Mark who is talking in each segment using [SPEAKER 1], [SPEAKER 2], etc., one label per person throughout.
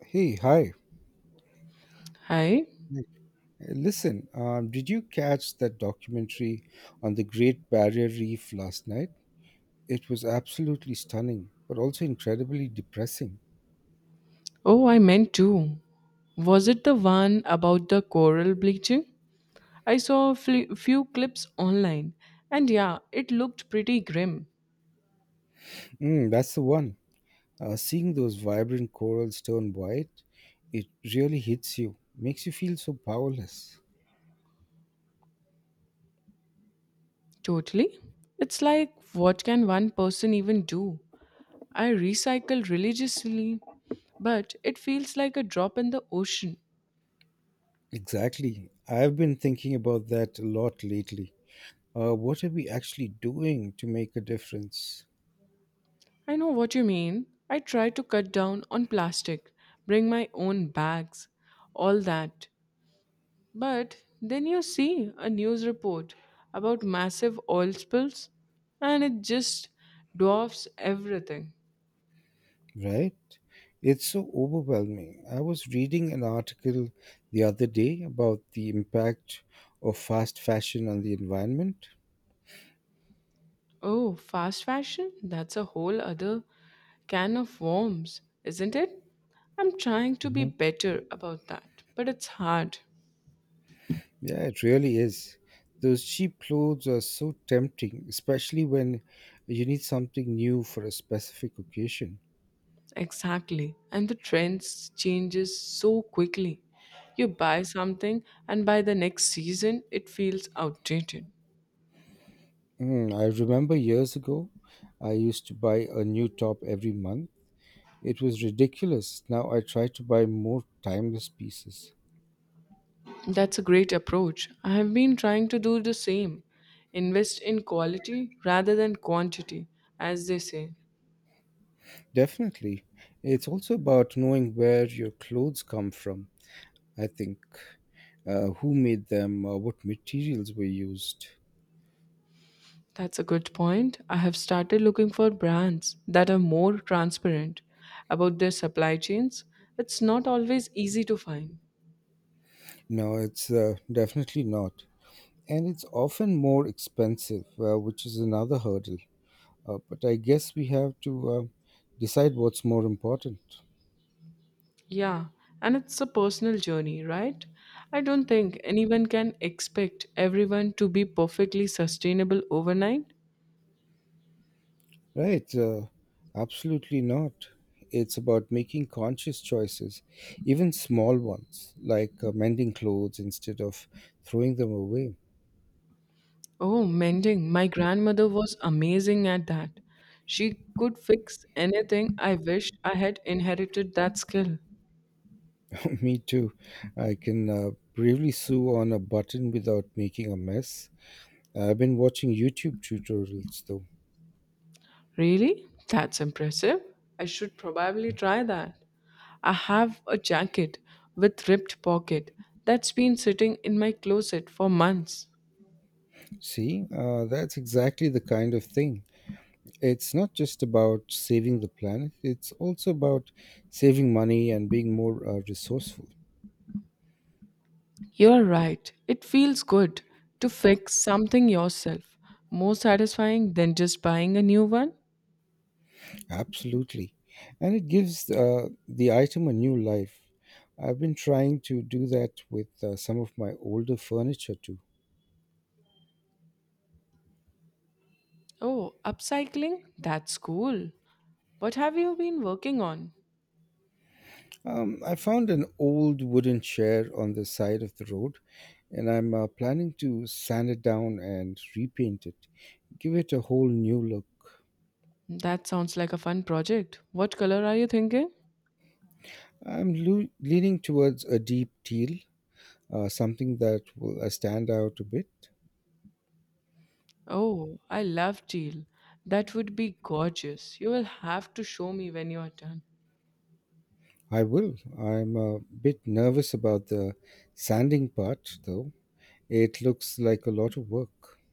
[SPEAKER 1] Hey, hi.
[SPEAKER 2] Hi.
[SPEAKER 1] Hey. Listen, did you catch that documentary on the Great Barrier Reef last night? It was absolutely stunning, but also incredibly depressing.
[SPEAKER 2] Oh, I meant to. Was it the one about the coral bleaching? I saw few clips online, and yeah, it looked pretty grim.
[SPEAKER 1] Mm, that's the one. Seeing those vibrant corals turn white, it really hits you, makes you feel so powerless.
[SPEAKER 2] Totally. It's like, what can one person even do? I recycle religiously, but it feels like a drop in the ocean.
[SPEAKER 1] Exactly. I've been thinking about that a lot lately. What are we actually doing to make a difference?
[SPEAKER 2] I know what you mean. I try to cut down on plastic, bring my own bags, all that. But then you see a news report about massive oil spills and it just dwarfs everything.
[SPEAKER 1] Right? It's so overwhelming. I was reading an article the other day about the impact of fast fashion on the environment.
[SPEAKER 2] Oh, fast fashion? That's a whole other can of worms, isn't it? I'm trying to be
[SPEAKER 1] Hmm.
[SPEAKER 2] better about that, but it's hard.
[SPEAKER 1] Yeah, it really is. Those cheap clothes are so tempting, especially when you need something new for a specific occasion.
[SPEAKER 2] Exactly. And the trends changes so quickly. You buy something and by the next season it feels outdated.
[SPEAKER 1] Mm, I remember years ago, I used to buy a new top every month. It was ridiculous. Now I try to buy more timeless pieces.
[SPEAKER 2] That's a great approach. I have been trying to do the same. Invest in quality rather than quantity, as they say.
[SPEAKER 1] Definitely. It's also about knowing where your clothes come from, I think. Who made them? What materials were used?
[SPEAKER 2] That's a good point. I have started looking for brands that are more transparent about their supply chains. It's not always easy to find.
[SPEAKER 1] No, it's definitely not. And it's often more expensive, which is another hurdle. But I guess we have to decide what's more important.
[SPEAKER 2] Yeah, and it's a personal journey, right? I don't think anyone can expect everyone to be perfectly sustainable overnight.
[SPEAKER 1] Right. Absolutely not. It's about making conscious choices, even small ones, like mending clothes instead of throwing them away.
[SPEAKER 2] Oh, mending. My grandmother was amazing at that. She could fix anything. I wish I had inherited that skill.
[SPEAKER 1] Me too. I can bravely sew on a button without making a mess. I've been watching YouTube tutorials though.
[SPEAKER 2] Really? That's impressive. I should probably try that. I have a jacket with ripped pocket that's been sitting in my closet for months.
[SPEAKER 1] See, that's exactly the kind of thing. It's not just about saving the planet, it's also about saving money and being more resourceful.
[SPEAKER 2] You're right. It feels good to fix something yourself. More satisfying than just buying a new one.
[SPEAKER 1] Absolutely. And it gives the item a new life. I've been trying to do that with some of my older furniture too.
[SPEAKER 2] Oh, upcycling? That's cool. What have you been working on?
[SPEAKER 1] I found an old wooden chair on the side of the road, and I'm planning to sand it down and repaint it, give it a whole new look.
[SPEAKER 2] That sounds like a fun project. What color are you thinking?
[SPEAKER 1] I'm leaning towards a deep teal, something that will stand out a bit.
[SPEAKER 2] Oh, I love teal. That would be gorgeous. You will have to show me when you are done.
[SPEAKER 1] I will. I'm a bit nervous about the sanding part, though. It looks like a lot of work.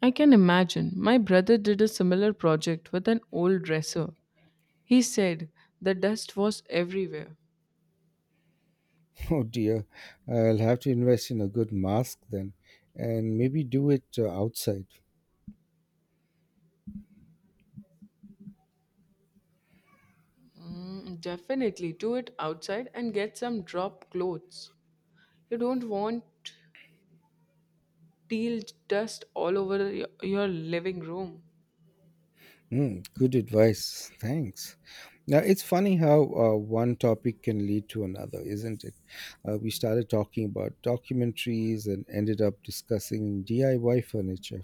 [SPEAKER 2] I can imagine. My brother did a similar project with an old dresser. He said the dust was everywhere.
[SPEAKER 1] Oh dear, I'll have to invest in a good mask then, and maybe do it outside.
[SPEAKER 2] Mm, definitely do it outside and get some drop clothes. You don't want teal dust all over your living room.
[SPEAKER 1] Mm, good advice. Thanks. Now, it's funny how one topic can lead to another, isn't it? We started talking about documentaries and ended up discussing DIY furniture.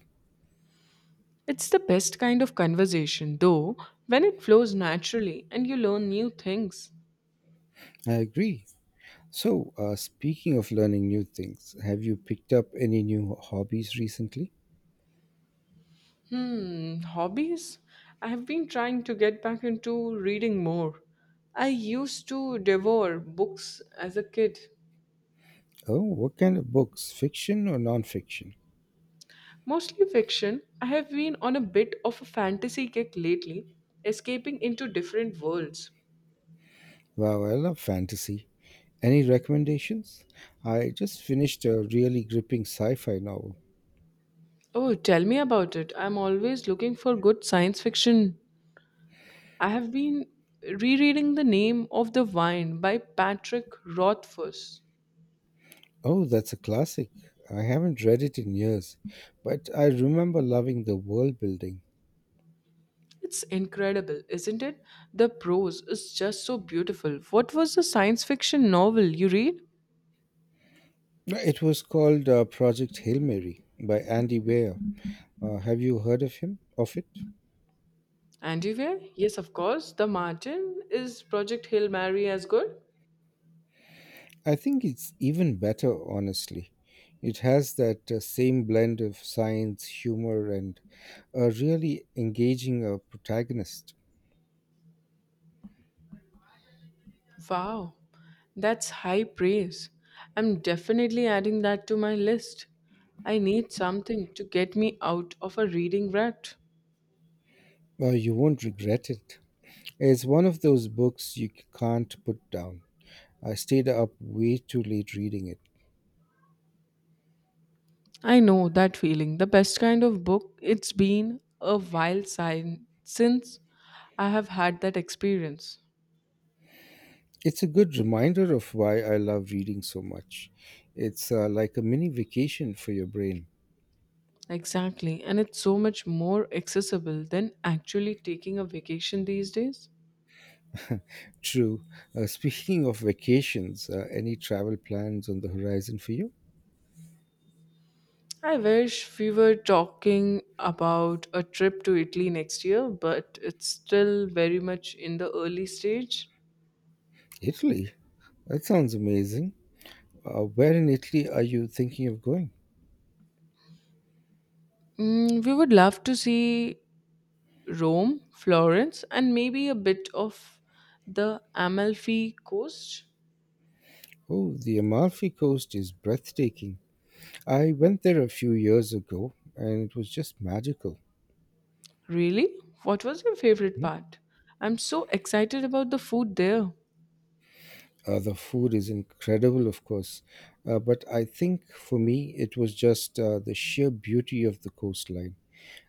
[SPEAKER 2] It's the best kind of conversation, though, when it flows naturally and you learn new things.
[SPEAKER 1] I agree. So, speaking of learning new things, have you picked up any new hobbies recently?
[SPEAKER 2] Hmm, hobbies? I have been trying to get back into reading more. I used to devour books as a kid,
[SPEAKER 1] Oh, what kind of books? Fiction or nonfiction?
[SPEAKER 2] mostly fiction. I have been on a bit of a fantasy kick lately, escaping into different worlds.
[SPEAKER 1] Wow, I love fantasy. Any recommendations? I just finished a really gripping sci fi novel.
[SPEAKER 2] Oh, tell me about it. I'm always looking for good science fiction. I have been rereading The Name of the Wine by Patrick Rothfuss.
[SPEAKER 1] Oh, that's a classic. I haven't read it in years, but I remember loving the world building.
[SPEAKER 2] It's incredible, isn't it? The prose is just so beautiful. What was the science fiction novel you read?
[SPEAKER 1] No, it was called Project Hail Mary by Andy Weir. Have you heard of him? Of it?
[SPEAKER 2] Antiware? Yes, of course. The Martin. Is Project Hail Mary as good?
[SPEAKER 1] I think it's even better, honestly. It has that same blend of science, humor, and a really engaging protagonist.
[SPEAKER 2] Wow, that's high praise. I'm definitely adding that to my list. I need something to get me out of a reading rut.
[SPEAKER 1] You won't regret it. It's one of those books you can't put down. I stayed up way too late reading it.
[SPEAKER 2] I know that feeling. The best kind of book. It's been a while since I have had that experience.
[SPEAKER 1] It's a good reminder of why I love reading so much. It's like a mini vacation for your brain.
[SPEAKER 2] Exactly. And it's so much more accessible than actually taking a vacation these days.
[SPEAKER 1] True. Speaking of vacations, any travel plans on the horizon for you?
[SPEAKER 2] I wish we were talking about a trip to Italy next year, but it's still very much in the early stage.
[SPEAKER 1] Italy. That sounds amazing. Where in Italy are you thinking of going?
[SPEAKER 2] Mm, we would love to see Rome, Florence, and maybe a bit of the Amalfi Coast.
[SPEAKER 1] Oh, the Amalfi Coast is breathtaking. I went there a few years ago and it was just magical.
[SPEAKER 2] Really? What was your favorite part? I'm so excited about the food there.
[SPEAKER 1] The food is incredible, of course, but I think for me it was just the sheer beauty of the coastline.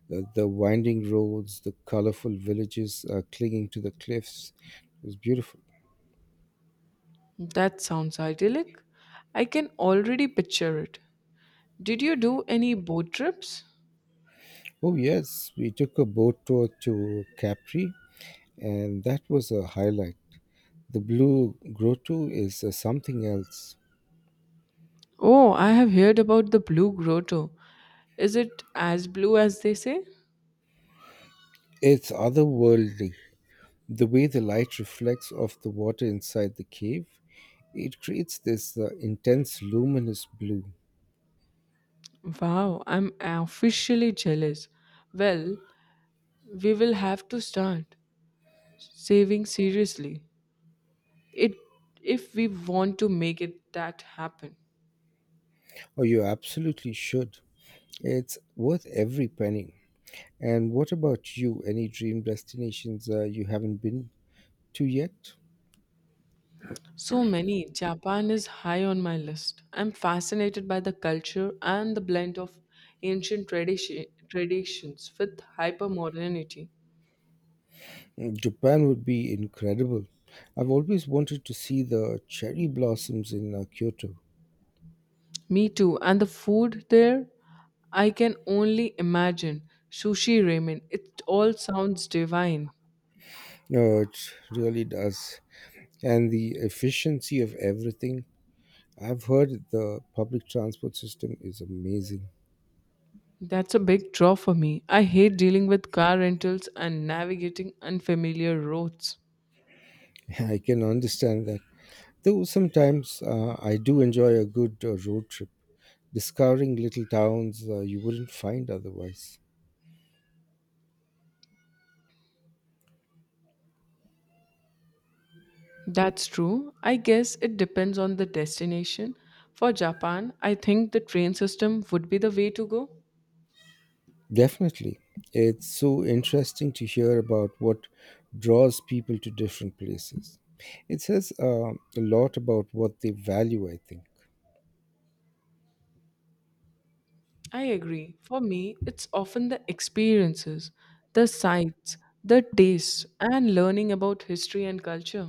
[SPEAKER 1] The winding roads, the colorful villages clinging to the cliffs. It was beautiful.
[SPEAKER 2] That sounds idyllic. I can already picture it. Did you do any boat trips?
[SPEAKER 1] Oh, yes, we took a boat tour to Capri, and that was a highlight. The Blue Grotto is something else.
[SPEAKER 2] Oh, I have heard about the blue grotto. Is it as blue as they say?
[SPEAKER 1] It's otherworldly. The way the light reflects off the water inside the cave, it creates this intense luminous blue.
[SPEAKER 2] Wow, I'm officially jealous. Well, we will have to start saving seriously. It if we want to make it that happen.
[SPEAKER 1] Oh, you absolutely should. It's worth every penny. And what about you? Any dream destinations you haven't been to yet?
[SPEAKER 2] So many. Japan is high on my list. I'm fascinated by the culture and the blend of ancient tradition, traditions with hypermodernity.
[SPEAKER 1] Mm, Japan would be incredible. I've always wanted to see the cherry blossoms in Kyoto.
[SPEAKER 2] Me too. And the food there, I can only imagine. Sushi ramen, it all sounds divine.
[SPEAKER 1] No, it really does. And the efficiency of everything, I've heard the public transport system is amazing.
[SPEAKER 2] That's a big draw for me. I hate dealing with car rentals and navigating unfamiliar roads.
[SPEAKER 1] I can understand that. Though sometimes I do enjoy a good road trip, discovering little towns you wouldn't find otherwise.
[SPEAKER 2] That's true. I guess it depends on the destination. For Japan, I think the train system would be the way to go.
[SPEAKER 1] Definitely. It's so interesting to hear about what draws people to different places. It says a lot about what they value, I think.
[SPEAKER 2] I agree. For me, it's often the experiences, the sights, the tastes, and learning about history and culture.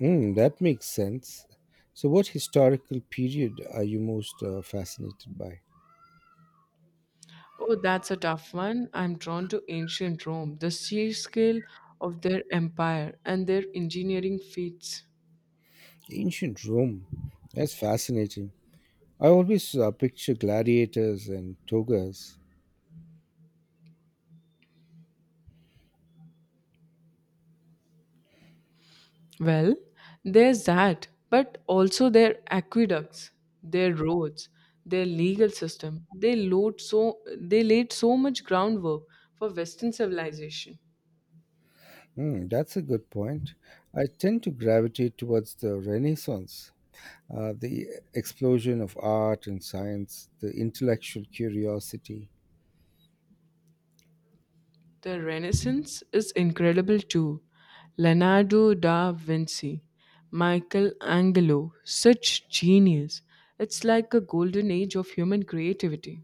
[SPEAKER 1] Mm, that makes sense. So, what historical period are you most fascinated by?
[SPEAKER 2] Oh, that's a tough one. I'm drawn to ancient Rome, the sheer scale of their empire and their engineering feats.
[SPEAKER 1] Ancient Rome. That's fascinating. I always picture gladiators and togas.
[SPEAKER 2] Well, there's that, but also their aqueducts, their roads, their legal system. They laid so much groundwork for Western civilization.
[SPEAKER 1] Hmm, that's a good point. I tend to gravitate towards the Renaissance, the explosion of art and science, the intellectual curiosity.
[SPEAKER 2] The Renaissance is incredible too. Leonardo da Vinci, Michelangelo, such genius. It's like a golden age of human creativity,